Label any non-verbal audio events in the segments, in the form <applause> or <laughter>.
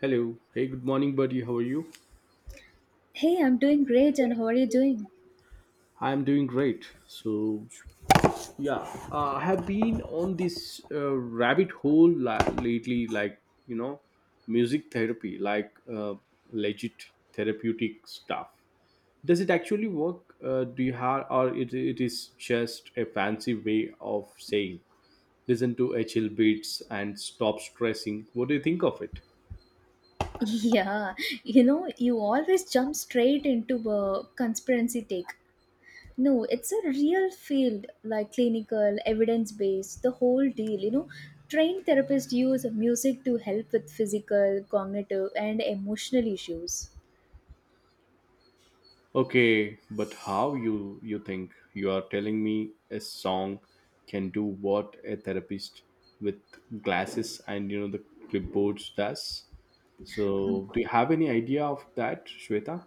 Hello. Hey, good morning, buddy. How are you? Hey, I'm doing great, and how are you doing? I'm doing great. So, yeah, I have been on this rabbit hole lately, like, you know, music therapy, like legit therapeutic stuff. Does it actually work? Do you have, or it is just a fancy way of saying, listen to HL beats and stop stressing? What do you think of it? <laughs> Yeah, you know, you always jump straight into a conspiracy take. No, it's a real field, like clinical, evidence based, the whole deal. You know, trained therapists use music to help with physical, cognitive, and emotional issues. Okay, but how you think you are telling me a song can do what a therapist with glasses and you know the clipboards does? Mm. So do you have any idea of that, Shweta?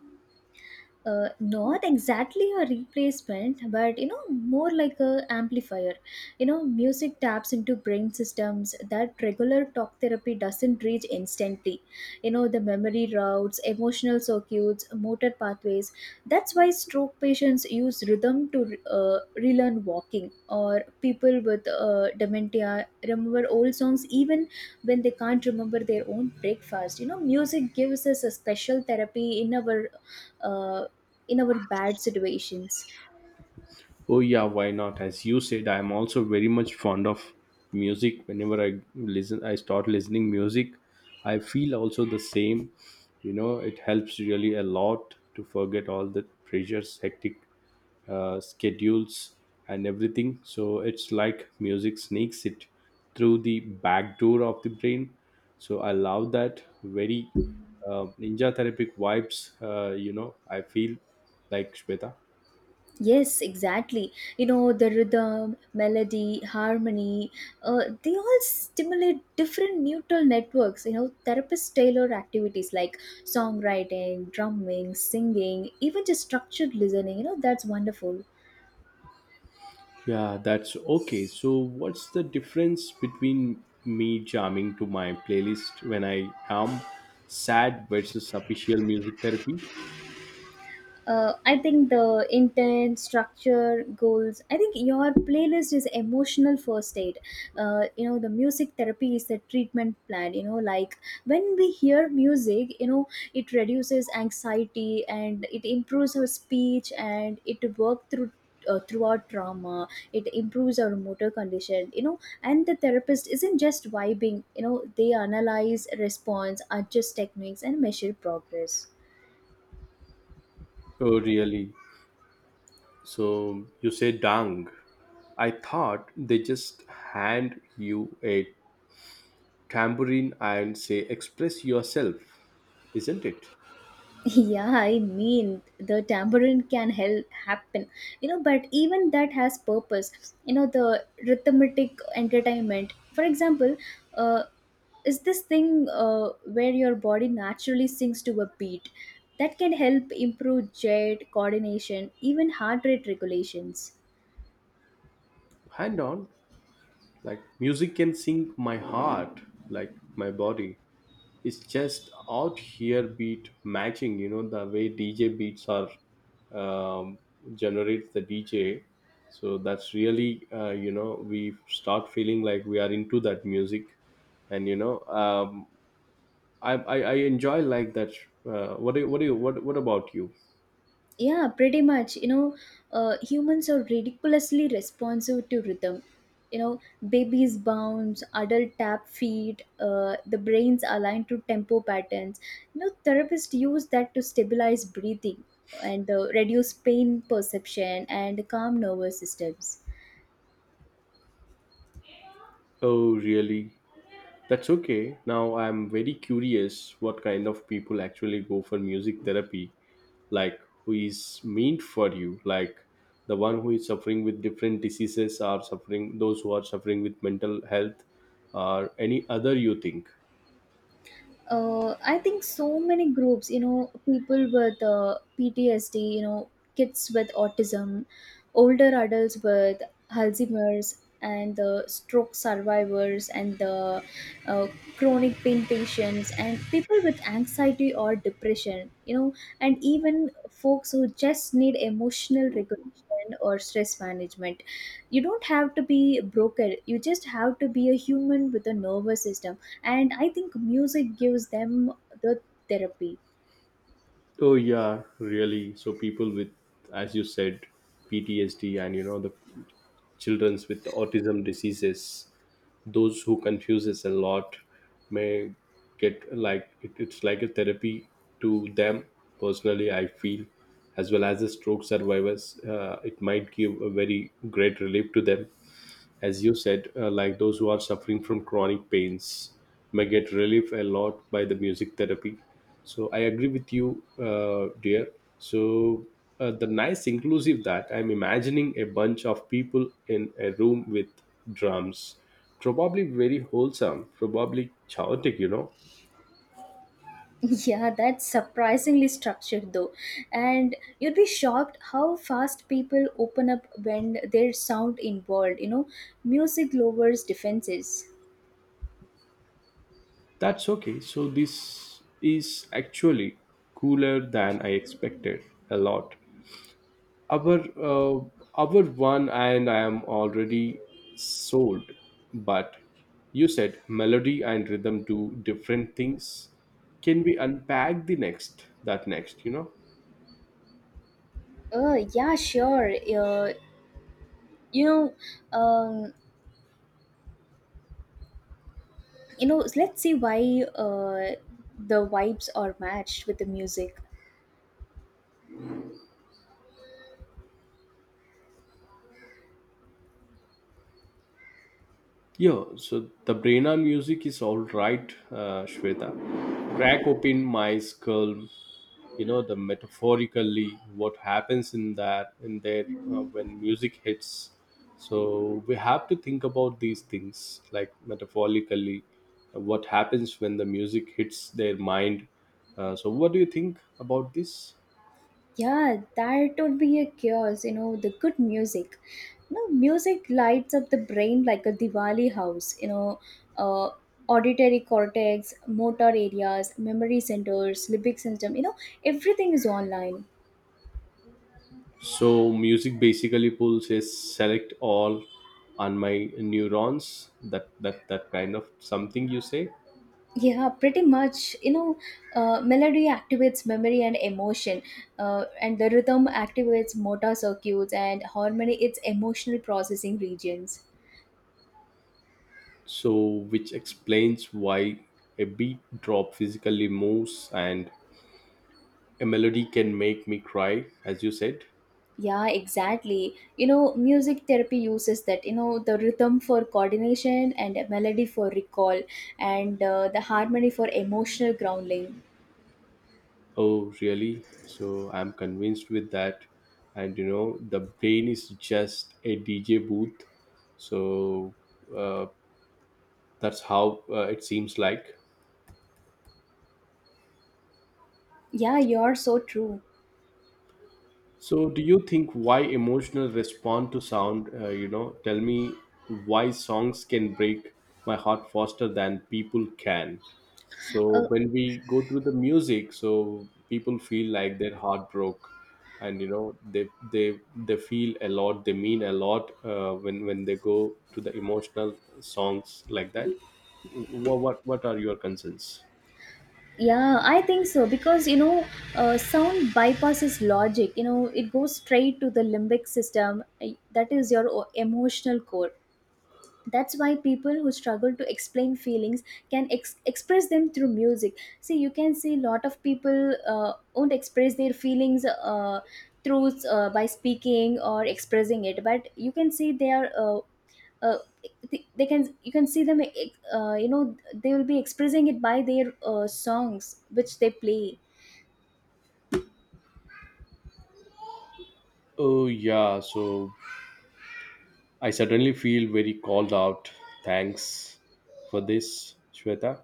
Not exactly a replacement, but you know, more like a amplifier. You know, music taps into brain systems that regular talk therapy doesn't reach instantly. You know, the memory routes, emotional circuits, motor pathways. That's why stroke patients use rhythm to relearn walking, or people with dementia remember old songs even when they can't remember their own breakfast. You know, music gives us a special therapy uh, in our bad situations. Oh yeah, why not? As you said, I am also very much fond of music. Whenever I listen, I start listening music. I feel also the same. You know, it helps really a lot to forget all the pressures, hectic schedules and everything, so it's like music sneaks it through the back door of the brain. So I love that very ninja therapeutic vibes. You know, I feel like, Shweta. Yes, exactly. You know, the rhythm, melody, harmony, they all stimulate different neural networks. You know, therapists tailor activities like songwriting, drumming, singing, even just structured listening. You know, that's wonderful. Yeah, that's okay. So what's the difference between me jamming to my playlist when I am sad versus official music therapy? I think the intent, structure, goals. I think your playlist is emotional first aid. You know, the music therapy is the treatment plan. You know, like when we hear music, you know, it reduces anxiety, and it improves our speech, and it work through. Throughout trauma it improves our motor condition. You know, and the therapist isn't just vibing. You know, they analyze response, adjust techniques, and measure progress. Oh really? So you say, dang, I thought they just hand you a tambourine and say, express yourself, isn't it? Yeah, I mean the tambourine can help happen, you know. But even that has purpose, you know. The rhythmic entertainment, for example, uh, is this thing where your body naturally sings to a beat that can help improve jet coordination, even heart rate regulations. Hand on. Like, music can sing my heart, like my body. It's just out here beat matching, you know, the way DJ beats are um, generates the DJ. So that's really, you know, we start feeling like we are into that music, and you know, I enjoy like that. What do you, what do you, what about you? Yeah, pretty much. You know, humans are ridiculously responsive to rhythm. You know, babies bounce, adult tap feet, the brains align to tempo patterns. You know, therapists use that to stabilize breathing and reduce pain perception and calm nervous systems. Oh, really? That's okay. Now I'm very curious what kind of people actually go for music therapy. Like, who is meant for you? Like the one who is suffering with different diseases, or suffering, those who are suffering with mental health or any other you think. I think so many groups, you know, people with PTSD, you know, kids with autism, older adults with Alzheimer's, and the stroke survivors, and the uh, chronic pain patients, and people with anxiety or depression, you know, and even folks who just need emotional regulation or stress management. You don't have to be broken, you just have to be a human with a nervous system, and I think music gives them the therapy. Oh yeah, really. So people with, as you said, PTSD, and you know the childrens with autism diseases, those who confuses a lot may get, like, it's like a therapy to them personally. I feel, as well as the stroke survivors, it might give a very great relief to them, as you said, like those who are suffering from chronic pains may get relief a lot by the music therapy. So I agree with you, dear. So the nice inclusive that I'm imagining, a bunch of people in a room with drums, probably very wholesome, probably chaotic, you know. <laughs> Yeah, that's surprisingly structured though, and you'd be shocked how fast people open up when there's sound involved. You know, music lowers defenses. That's okay. So this is actually cooler than I expected a lot. Our our one, and I am already sold. But you said melody and rhythm do different things. Can we unpack the next, that next, you know? Yeah, sure. uh, you know you know, let's see why the vibes are matched with the music. Yeah, so the Brena music is all right, Shweta. Crack open my skull. You know, the metaphorically what happens in that, in there, when music hits. So we have to think about these things like metaphorically, what happens when the music hits their mind. So what do you think about this? Yeah, that would be a chaos, you know, the good music. You know, music lights up the brain like a Diwali house, you know, uh, auditory cortex, motor areas, memory centers, limbic system, you know, everything is online. So music basically pulls a select all on my neurons. That kind of something you say. Yeah, pretty much. You know, melody activates memory and emotion, and the rhythm activates motor circuits, and harmony its emotional processing regions. So which explains why a beat drop physically moves and a melody can make me cry, as you said. Yeah, exactly. You know, music therapy uses that, you know, the rhythm for coordination and melody for recall, and the harmony for emotional grounding. Oh really? So I'm convinced with that. And you know, the brain is just a DJ booth. So uh, that's how it seems like. Yeah, you're so true. So, do you think why emotional respond to sound? You know, tell me why songs can break my heart faster than people can. So, Uh, when we go through the music, so people feel like their heart broke, and you know, they they feel a lot. They mean a lot when they go to the emotional songs like that. What are your concerns? yeah, I think so because you know, sound bypasses logic. You know, it goes straight to the limbic system. That is your emotional core. That's why people who struggle to explain feelings can express them through music. See, you can see a lot of people won't express their feelings through by speaking or expressing it, but you can see they are uh, they can, you can see them, you know, they will be expressing it by their songs which they play. Oh yeah, so I certainly feel very called out. Thanks for this, Shweta.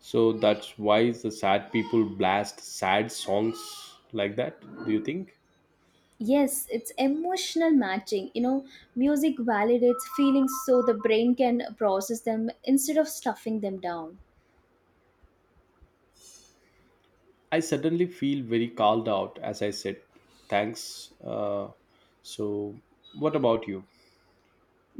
So that's why the sad people blast sad songs like that, do you think? Yes, it's emotional matching. You know, music validates feelings so the brain can process them instead of stuffing them down. I certainly feel very called out, as I said. Thanks. So, what about you?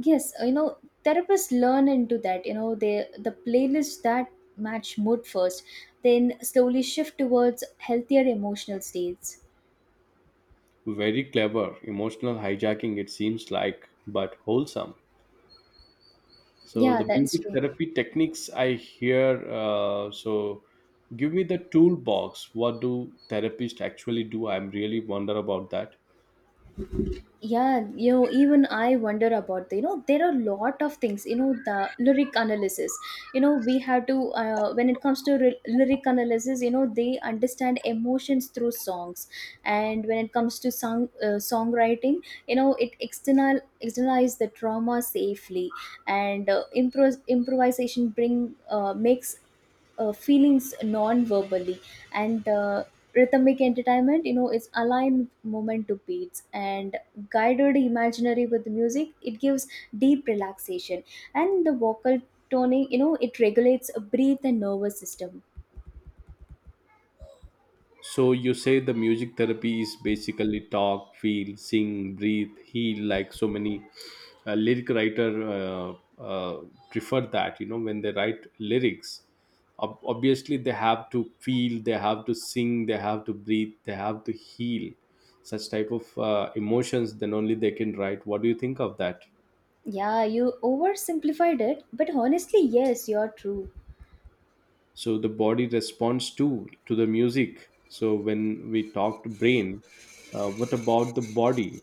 Yes, you know, therapists learn into that. You know, they the playlists that match mood first, then slowly shift towards healthier emotional states. Very clever, emotional hijacking, it seems like, but wholesome. So Yeah, the that's music true. therapy techniques I hear, so give me the toolbox. What do therapists actually do? I'm really wonder about that. Yeah, you know, even I wonder about the, you know, there are a lot of things. You know, the lyric analysis, you know, we have to when it comes to lyric analysis, you know, they understand emotions through songs. And when it comes to song songwriting, you know, it externalize the trauma safely. And improvisation bring makes feelings non-verbally. And rhythmic entertainment, you know, it's aligned moment to beats. And guided imaginary with music, it gives deep relaxation. And the vocal toning, you know, it regulates a breath and nervous system. So you say the music therapy is basically talk, feel, sing, breathe, heal. Like so many lyric writer prefer that. You know, when they write lyrics, obviously they have to feel, they have to sing, they have to breathe, they have to heal. Such type of emotions, then only they can write. What do you think of that? Yeah, you oversimplified it, but honestly yes, you're true. So the body responds to the music. So when we talked brain, what about the body?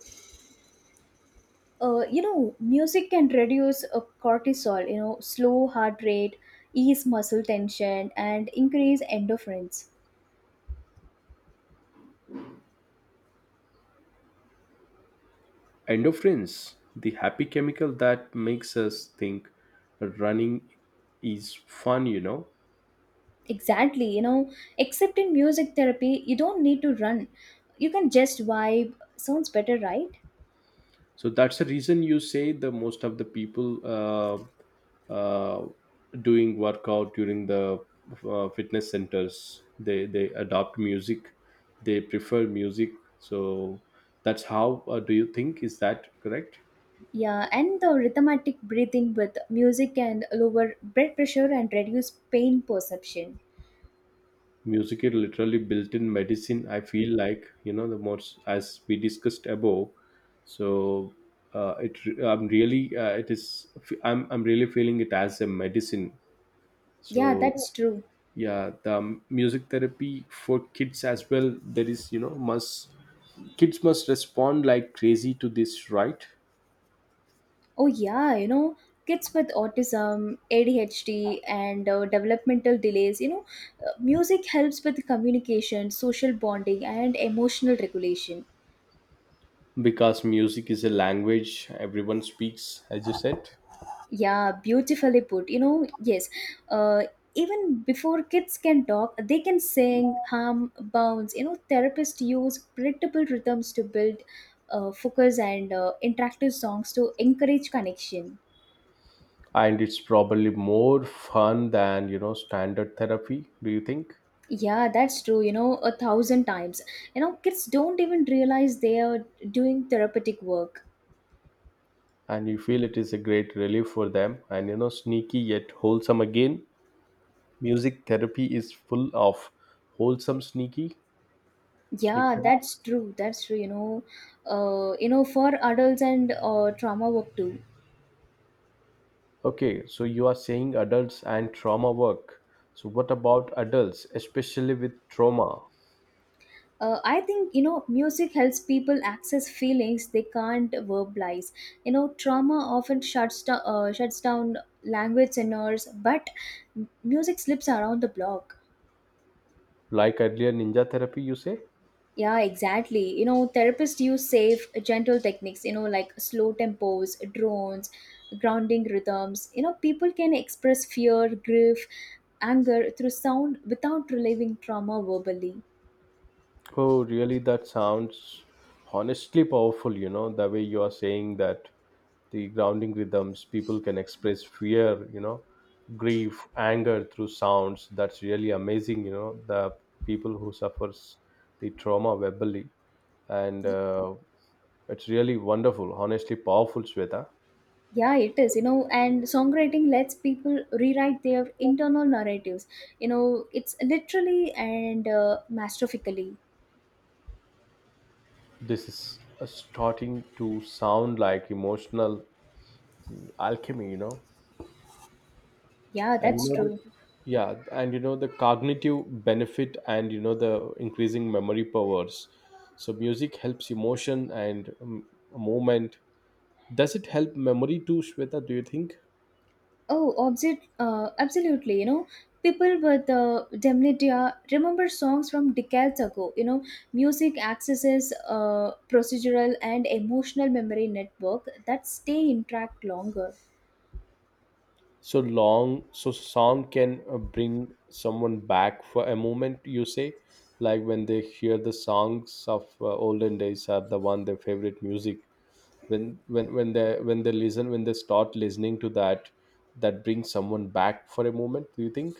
You know, music can reduce cortisol, you know, slow heart rate, ease muscle tension, and increase endorphins. Endorphins, the happy chemical that makes us think running is fun, you know. Exactly. You know, except in music therapy you don't need to run, you can just vibe. Sounds better, right? So that's the reason you say the most of the people uh, uh, doing workout during the fitness centers, they adopt music, they prefer music. So that's how. Do you think is that correct? Yeah, and the rhythmatic breathing with music can lower blood pressure and reduce pain perception. Music is literally built-in medicine, I feel like, you know, the most, as we discussed above. So it I'm really it is, I'm really feeling it as a medicine. Yeah, that's So true. yeah, the music therapy for kids as well, there is, you know, must, kids must respond like crazy to this, right? Oh, yeah, you know, kids with autism, ADHD, and developmental delays, you know, music helps with communication, social bonding, and emotional regulation. Because music is a language everyone speaks, as you said. Yeah, beautifully put. You know, yes. Uh, Even before kids can talk, they can sing, hum, bounce. You know, therapists use predictable rhythms to build focus, and interactive songs to encourage connection. And it's probably more fun than, you know, standard therapy, do you think? Yeah, that's true. You know, a thousand times. You know, kids don't even realize they are doing therapeutic work. And you feel it is a great relief for them, and you know, sneaky yet wholesome again. Music therapy is full of wholesome sneaky Yeah, sneaker. that's true. That's true. You know, for adults and trauma work too. Okay, so you are saying adults and trauma work. So what about adults, especially with trauma? I think, you know, music helps people access feelings they can't verbalize. You know, trauma often shuts down language centers, but music slips around the block. Like earlier ninja therapy, you say. Yeah, exactly. You know, therapists use safe, gentle techniques, you know, like slow tempos, drones, grounding rhythms. You know, people can express fear, grief, anger through sound without relieving trauma verbally. Oh, really? That sounds honestly powerful, you know, the way you are saying that, the grounding rhythms, people can express fear, you know, grief, anger through sounds. That's really amazing, you know, the people who suffers the trauma verbally. And it's really wonderful, honestly powerful, Shweta. Yeah, it is, you know, and songwriting lets people rewrite their internal narratives. You know, it's literally and masterfically. This is starting to sound like emotional alchemy, you know. Yeah, And you that's know the true. Yeah, and you know the cognitive benefit, and you know the increasing memory powers. So music helps emotion and movement. Does it help memory too, Shweta, do you think? Oh, absolutely, you know, people with dementia remember songs from decades ago. You know, music accesses procedural and emotional memory network that stay intact longer. So song can bring someone back for a moment, you say? Like when they hear the songs of olden days, are the one their favorite music, when they start listening to that, that brings someone back for a moment, do you think?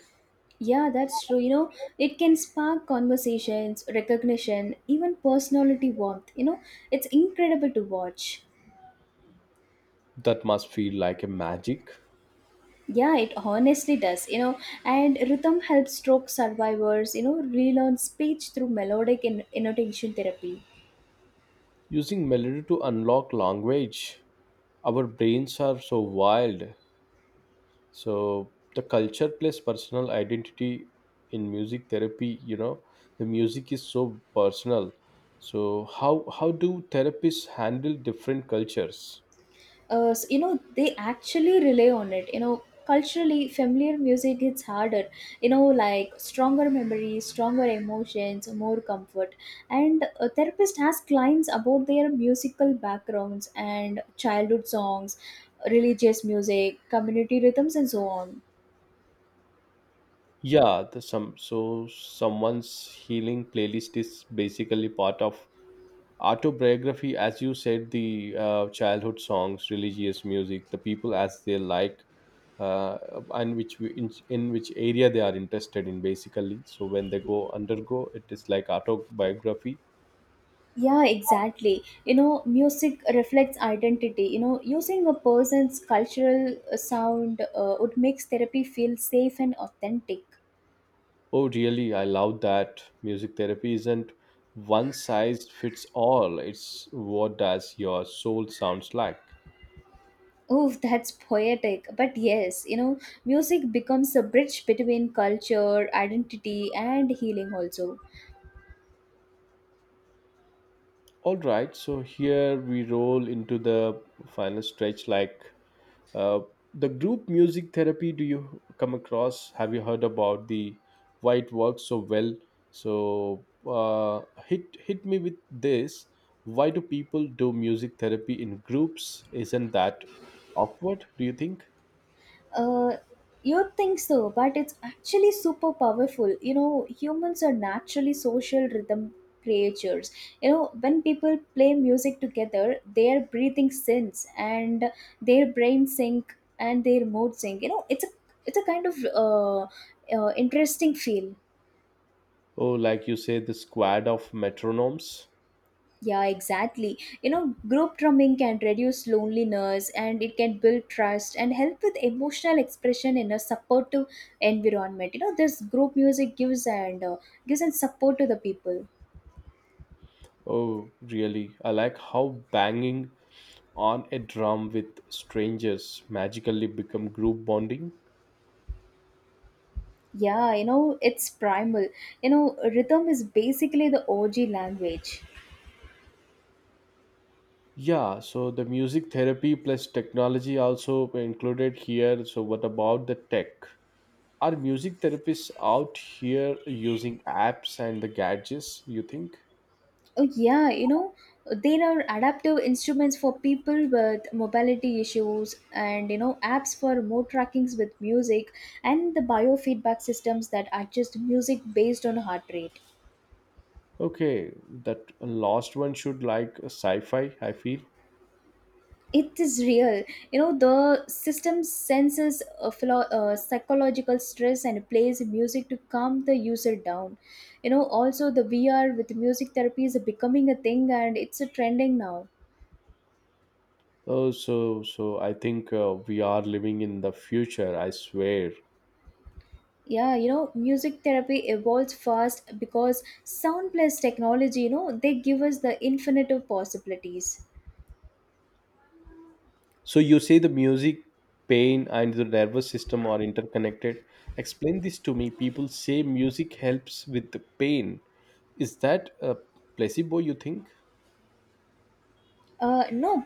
Yeah, that's true. You know, it can spark conversations, recognition, even personality warmth. You know, it's incredible to watch. That must feel like a magic. Yeah, it honestly does. You know, and rhythm helps stroke survivors, you know, relearn speech through melodic and annotation therapy. Using melody to unlock language. Our brains are so wild. So the culture plays personal identity in music therapy, you know, the music is so personal. So how do therapists handle different cultures? So, you know, they actually rely on it. You know, culturally familiar music hits harder. You know, like stronger memories, stronger emotions, more comfort. And a therapist has clients about their musical backgrounds and childhood songs, religious music, community rhythms, and so on. Yeah, the some so someone's healing playlist is basically part of autobiography, as you said, the childhood songs, religious music, the people as they like, uh, and which in which area they are interested in, basically. So when they go undergo, it is like autobiography. Yeah, exactly. You know, music reflects identity. You know, using a person's cultural sound would makes therapy feel safe and authentic. Oh really, I love that. Music therapy isn't one size fits all. It's what does your soul sounds like. Oh, that's poetic. But yes, you know, music becomes a bridge between culture, identity, and healing also. All right, so here we roll into the final stretch, like, Uh, the group music therapy, do you come across? Have you heard about the why it works so well? So hit me with this. Why do people do music therapy in groups? Isn't that awkward? Do you think? Uh, You'd think so, but it's actually super powerful. You know, humans are naturally social rhythm creatures. You know, when people play music together, their breathing syncs, and their brain sync, and their mood sync. You know, it's a kind of interesting feel. Oh, like you say, the squad of metronomes. Yeah, exactly. You know, group drumming can reduce loneliness, and it can build trust and help with emotional expression in a supportive environment. You know, this group music gives and support to the people. Oh, really? I like how banging on a drum with strangers magically become group bonding. Yeah, you know, it's primal. You know, rhythm is basically the OG language. Yeah, so the music therapy plus technology also included here. So what about the tech? Are music therapists out here using apps and the gadgets, you think? Oh, yeah, you know, there are adaptive instruments for people with mobility issues, and, you know, apps for mood trackings with music, and the biofeedback systems that adjust music based on heart rate. Okay, that last one should like sci-fi, I feel. It is real. You know, the system senses a psychological stress and plays music to calm the user down. You know, also the VR with music therapy is becoming a thing, and it's a trending now. Oh, so so I think we are living in the future, I swear. Yeah, you know, music therapy evolves fast because sound plus technology, you know, they give us the infinite of possibilities. So you say the music, pain, and the nervous system are interconnected. Explain this to me. People say music helps with the pain. Is that a placebo? You think? No,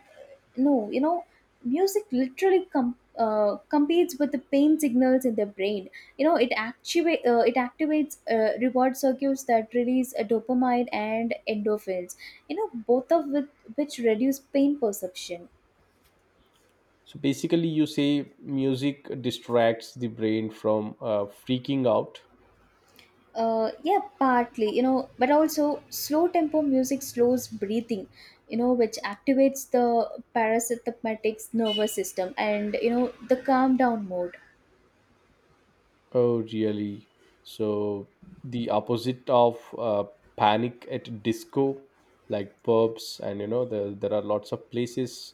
no you know, music literally competes with the pain signals in the brain. You know, it activate it activates reward circuits that release dopamine and endorphins. You know, both of which reduce pain perception. So basically, you say music distracts the brain from freaking out. Yeah, partly, you know, but also slow tempo music slows breathing, you know, which activates the parasympathetic nervous system and, you know, the calm down mode. Oh, really? So the opposite of panic at disco, like pubs, and you know, there are lots of places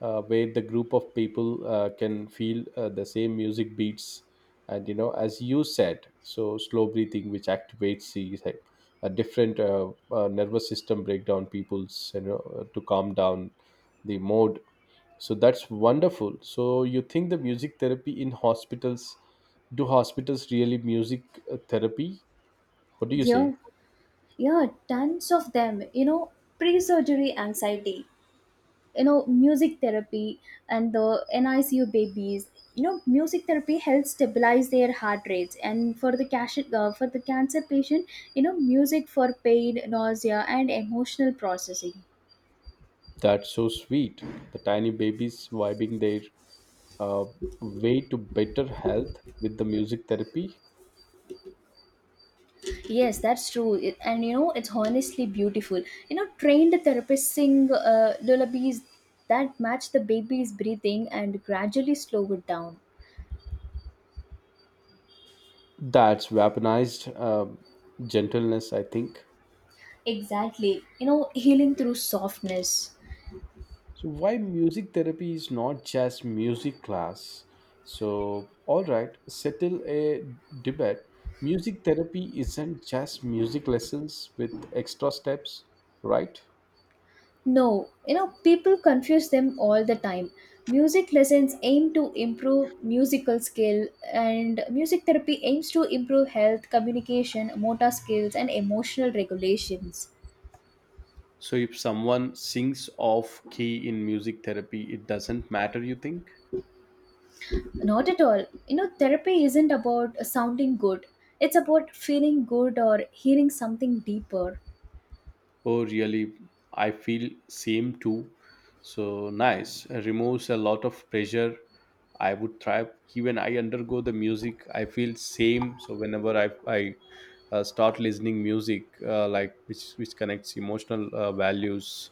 where the group of people can feel the same music beats, and you know, as you said, so slow breathing, which activates the, like, a different nervous system breakdown people's, you know, to calm down the mood, so that's wonderful. So you think the music therapy in hospitals, do hospitals really music therapy? What do you say? Yeah, yeah, tons of them, you know, pre surgery anxiety, you know, music therapy and the NICU babies. You know, music therapy helps stabilize their heart rates, and for the for the cancer patient, you know, music for pain, nausea, and emotional processing. That's so sweet. The tiny babies vibing their uh, way to better health with the music therapy. Yes, that's true. It, and you know, it's honestly beautiful. You know, trained therapists sing lullabies that match the baby's breathing and gradually slow it down. That's weaponized gentleness, I think. Exactly. You know, healing through softness. So why music therapy is not just music class? So all right, settle a debate. Music therapy isn't just music lessons with extra steps, right? No, you know, people confuse them all the time. Music lessons aim to improve musical skill, and music therapy aims to improve health, communication, motor skills, and emotional regulations. So if someone sings off key in music therapy, it doesn't matter you think? Not at all. You know, therapy isn't about sounding good. It's about feeling good or hearing something deeper. Oh, really? I feel same too. So nice. It removes a lot of pressure. I would thrive. Even I undergo the music. I feel same. So whenever I start listening music, like which connects emotional values,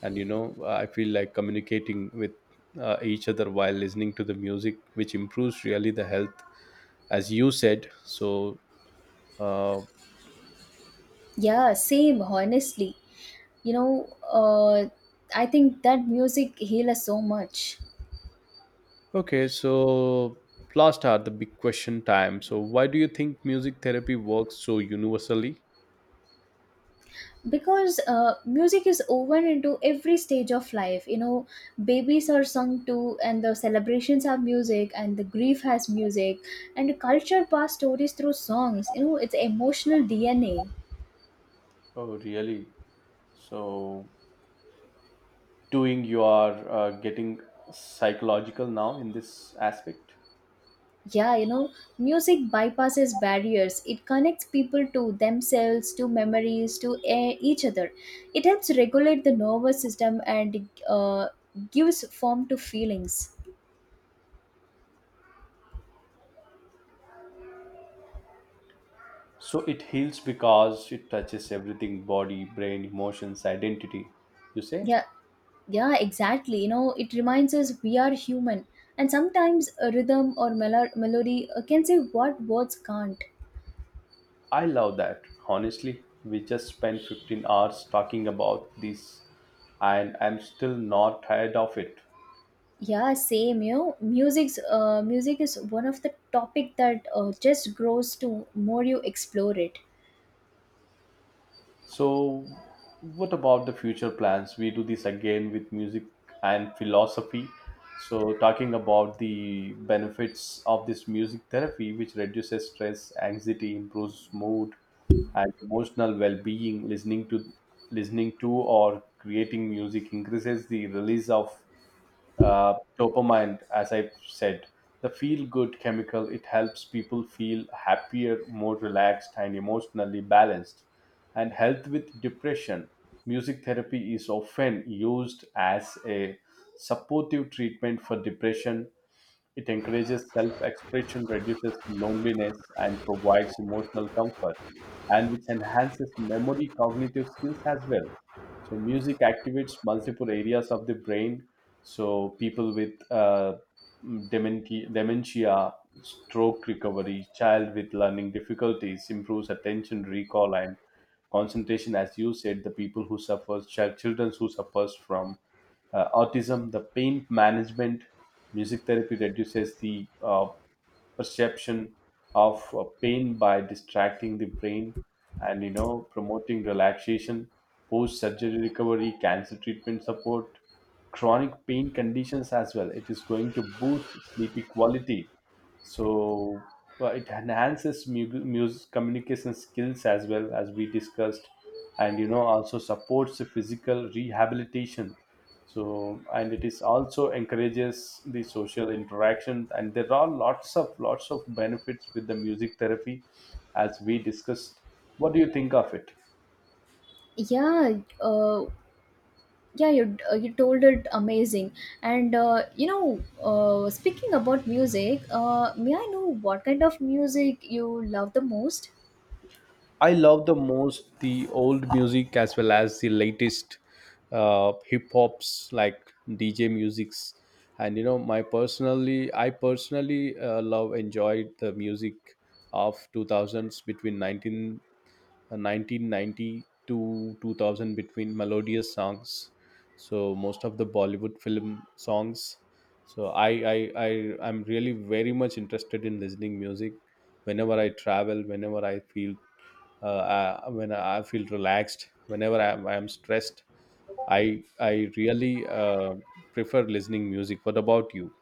and you know, I feel like communicating with each other while listening to the music, which improves really the health, as you said. Uh, Yeah, same, honestly. You know, I think that music heals us so much. Okay, so last are the big question time. So, why do you think music therapy works so universally? Because music is woven into every stage of life. You know, babies are sung to, and the celebrations have music, and the grief has music, and culture pass stories through songs. You know, it's emotional DNA. Oh, really? So, doing you are getting psychological now in this aspect. Yeah, you know, music bypasses barriers. It connects people to themselves, to memories, to each other. It helps regulate the nervous system and gives form to feelings. So, it heals because it touches everything body, brain, emotions, identity. You say? Yeah, yeah, exactly. You know, it reminds us we are human. And sometimes a rhythm or melody can say what words can't. I love that. Honestly, we just spent 15 hours talking about this, and I'm still not tired of it. Yeah, same. You know, music is one of the topic that just grows to more you explore it. So, what about the future plans? We do this again with music and philosophy. So, talking about the benefits of this music therapy, which reduces stress, anxiety, improves mood, and emotional well-being. Listening to or creating music increases the release of uh, dopamine, as I said, the feel good chemical. It helps people feel happier, more relaxed, and emotionally balanced, and help with depression. Music therapy is often used as a supportive treatment for depression. It encourages self expression, reduces loneliness, and provides emotional comfort, and which enhances memory cognitive skills as well. So music activates multiple areas of the brain. So people with dementia, stroke recovery, child with learning difficulties improves attention, recall, and concentration. As you said, the people who suffers, children who suffers from autism, the pain management, music therapy reduces the perception of pain by distracting the brain, and you know, promoting relaxation, post surgery recovery, cancer treatment support, chronic pain conditions as well. It is going to boost sleepy quality. So it enhances communication skills as well, as we discussed, and you know, also supports the physical rehabilitation. So and it is also encourages the social interaction, and there are lots of benefits with the music therapy, as we discussed. What do you think of it? Yeah, yeah you you told it amazing. And you know, speaking about music, may I know what kind of music you love the most? I love the most the old music as well as the latest hip hops like DJ musics, and you know my personally I personally love enjoyed the music of 2000s, between 1990 to 2000, between melodious songs. So most of the Bollywood film songs. So I am really very much interested in listening music whenever I travel, whenever I feel when I feel relaxed, whenever I am stressed, I really prefer listening music. What about you?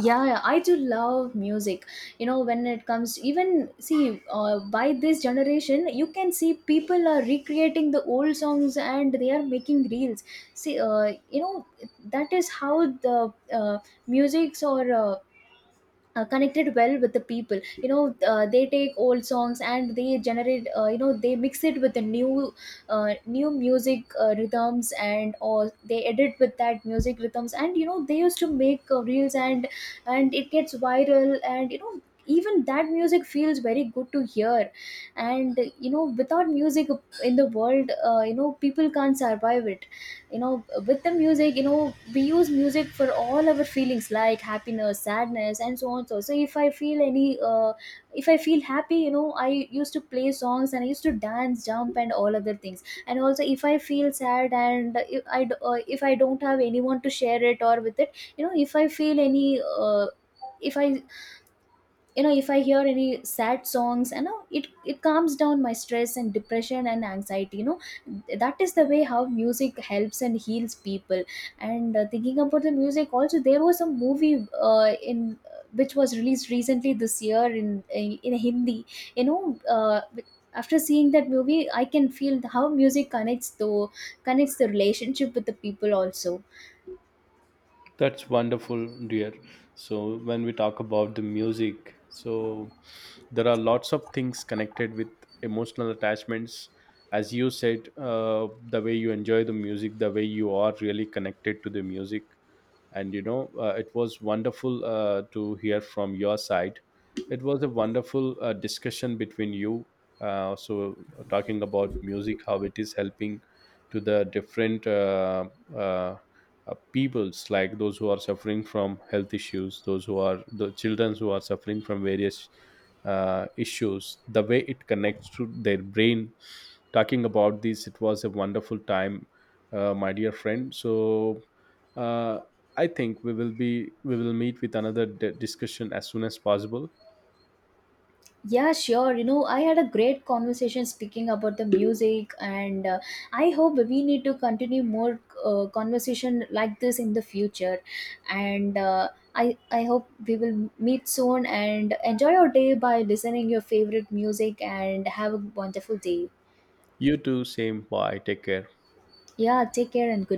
Yeah, I do love music. You know, when it comes, even see, by this generation, you can see people are recreating the old songs and they are making reels. See, you know, that is how the uh, musics or connected well with the people. You know, they take old songs and they generate, you know, they mix it with the new music rhythms, and or they edit with that music rhythms, and you know they used to make reels, and it gets viral, and you know even that music feels very good to hear. And you know, without music in the world, you know, people can't survive it. You know, with the music, you know, we use music for all our feelings like happiness, sadness, and so on. So if I feel any, if I feel happy, you know, I used to play songs and I used to dance, jump, and all other things. And also, if I feel sad and if I if I don't have anyone to share it or with it, you know, if I feel any if I you know, if I hear any sad songs, you know, it calms down my stress and depression and anxiety. You know, that is the way how music helps and heals people. And thinking about the music, also there was a movie in which was released recently this year in Hindi, you know, uh, after seeing that movie, I can feel how music connects the relationship with the people also. That's wonderful, dear. So when we talk about the music, so there are lots of things connected with emotional attachments. As you said, the way you enjoy the music, the way you are really connected to the music. And you know, it was wonderful to hear from your side. It was a wonderful discussion between you. So talking about music, how it is helping to the different uh, peoples, like those who are suffering from health issues, those who are the children who are suffering from various issues, the way it connects to their brain. Talking about this, it was a wonderful time, my dear friend. So uh, I think we will meet with discussion as soon as possible. Yeah, sure. You know, I had a great conversation speaking about the music, and I hope we need to continue more conversation like this in the future. And I hope we will meet soon and enjoy your day by listening your favorite music, and have a wonderful day. You too, same, bye. Take care. Yeah, take care and good.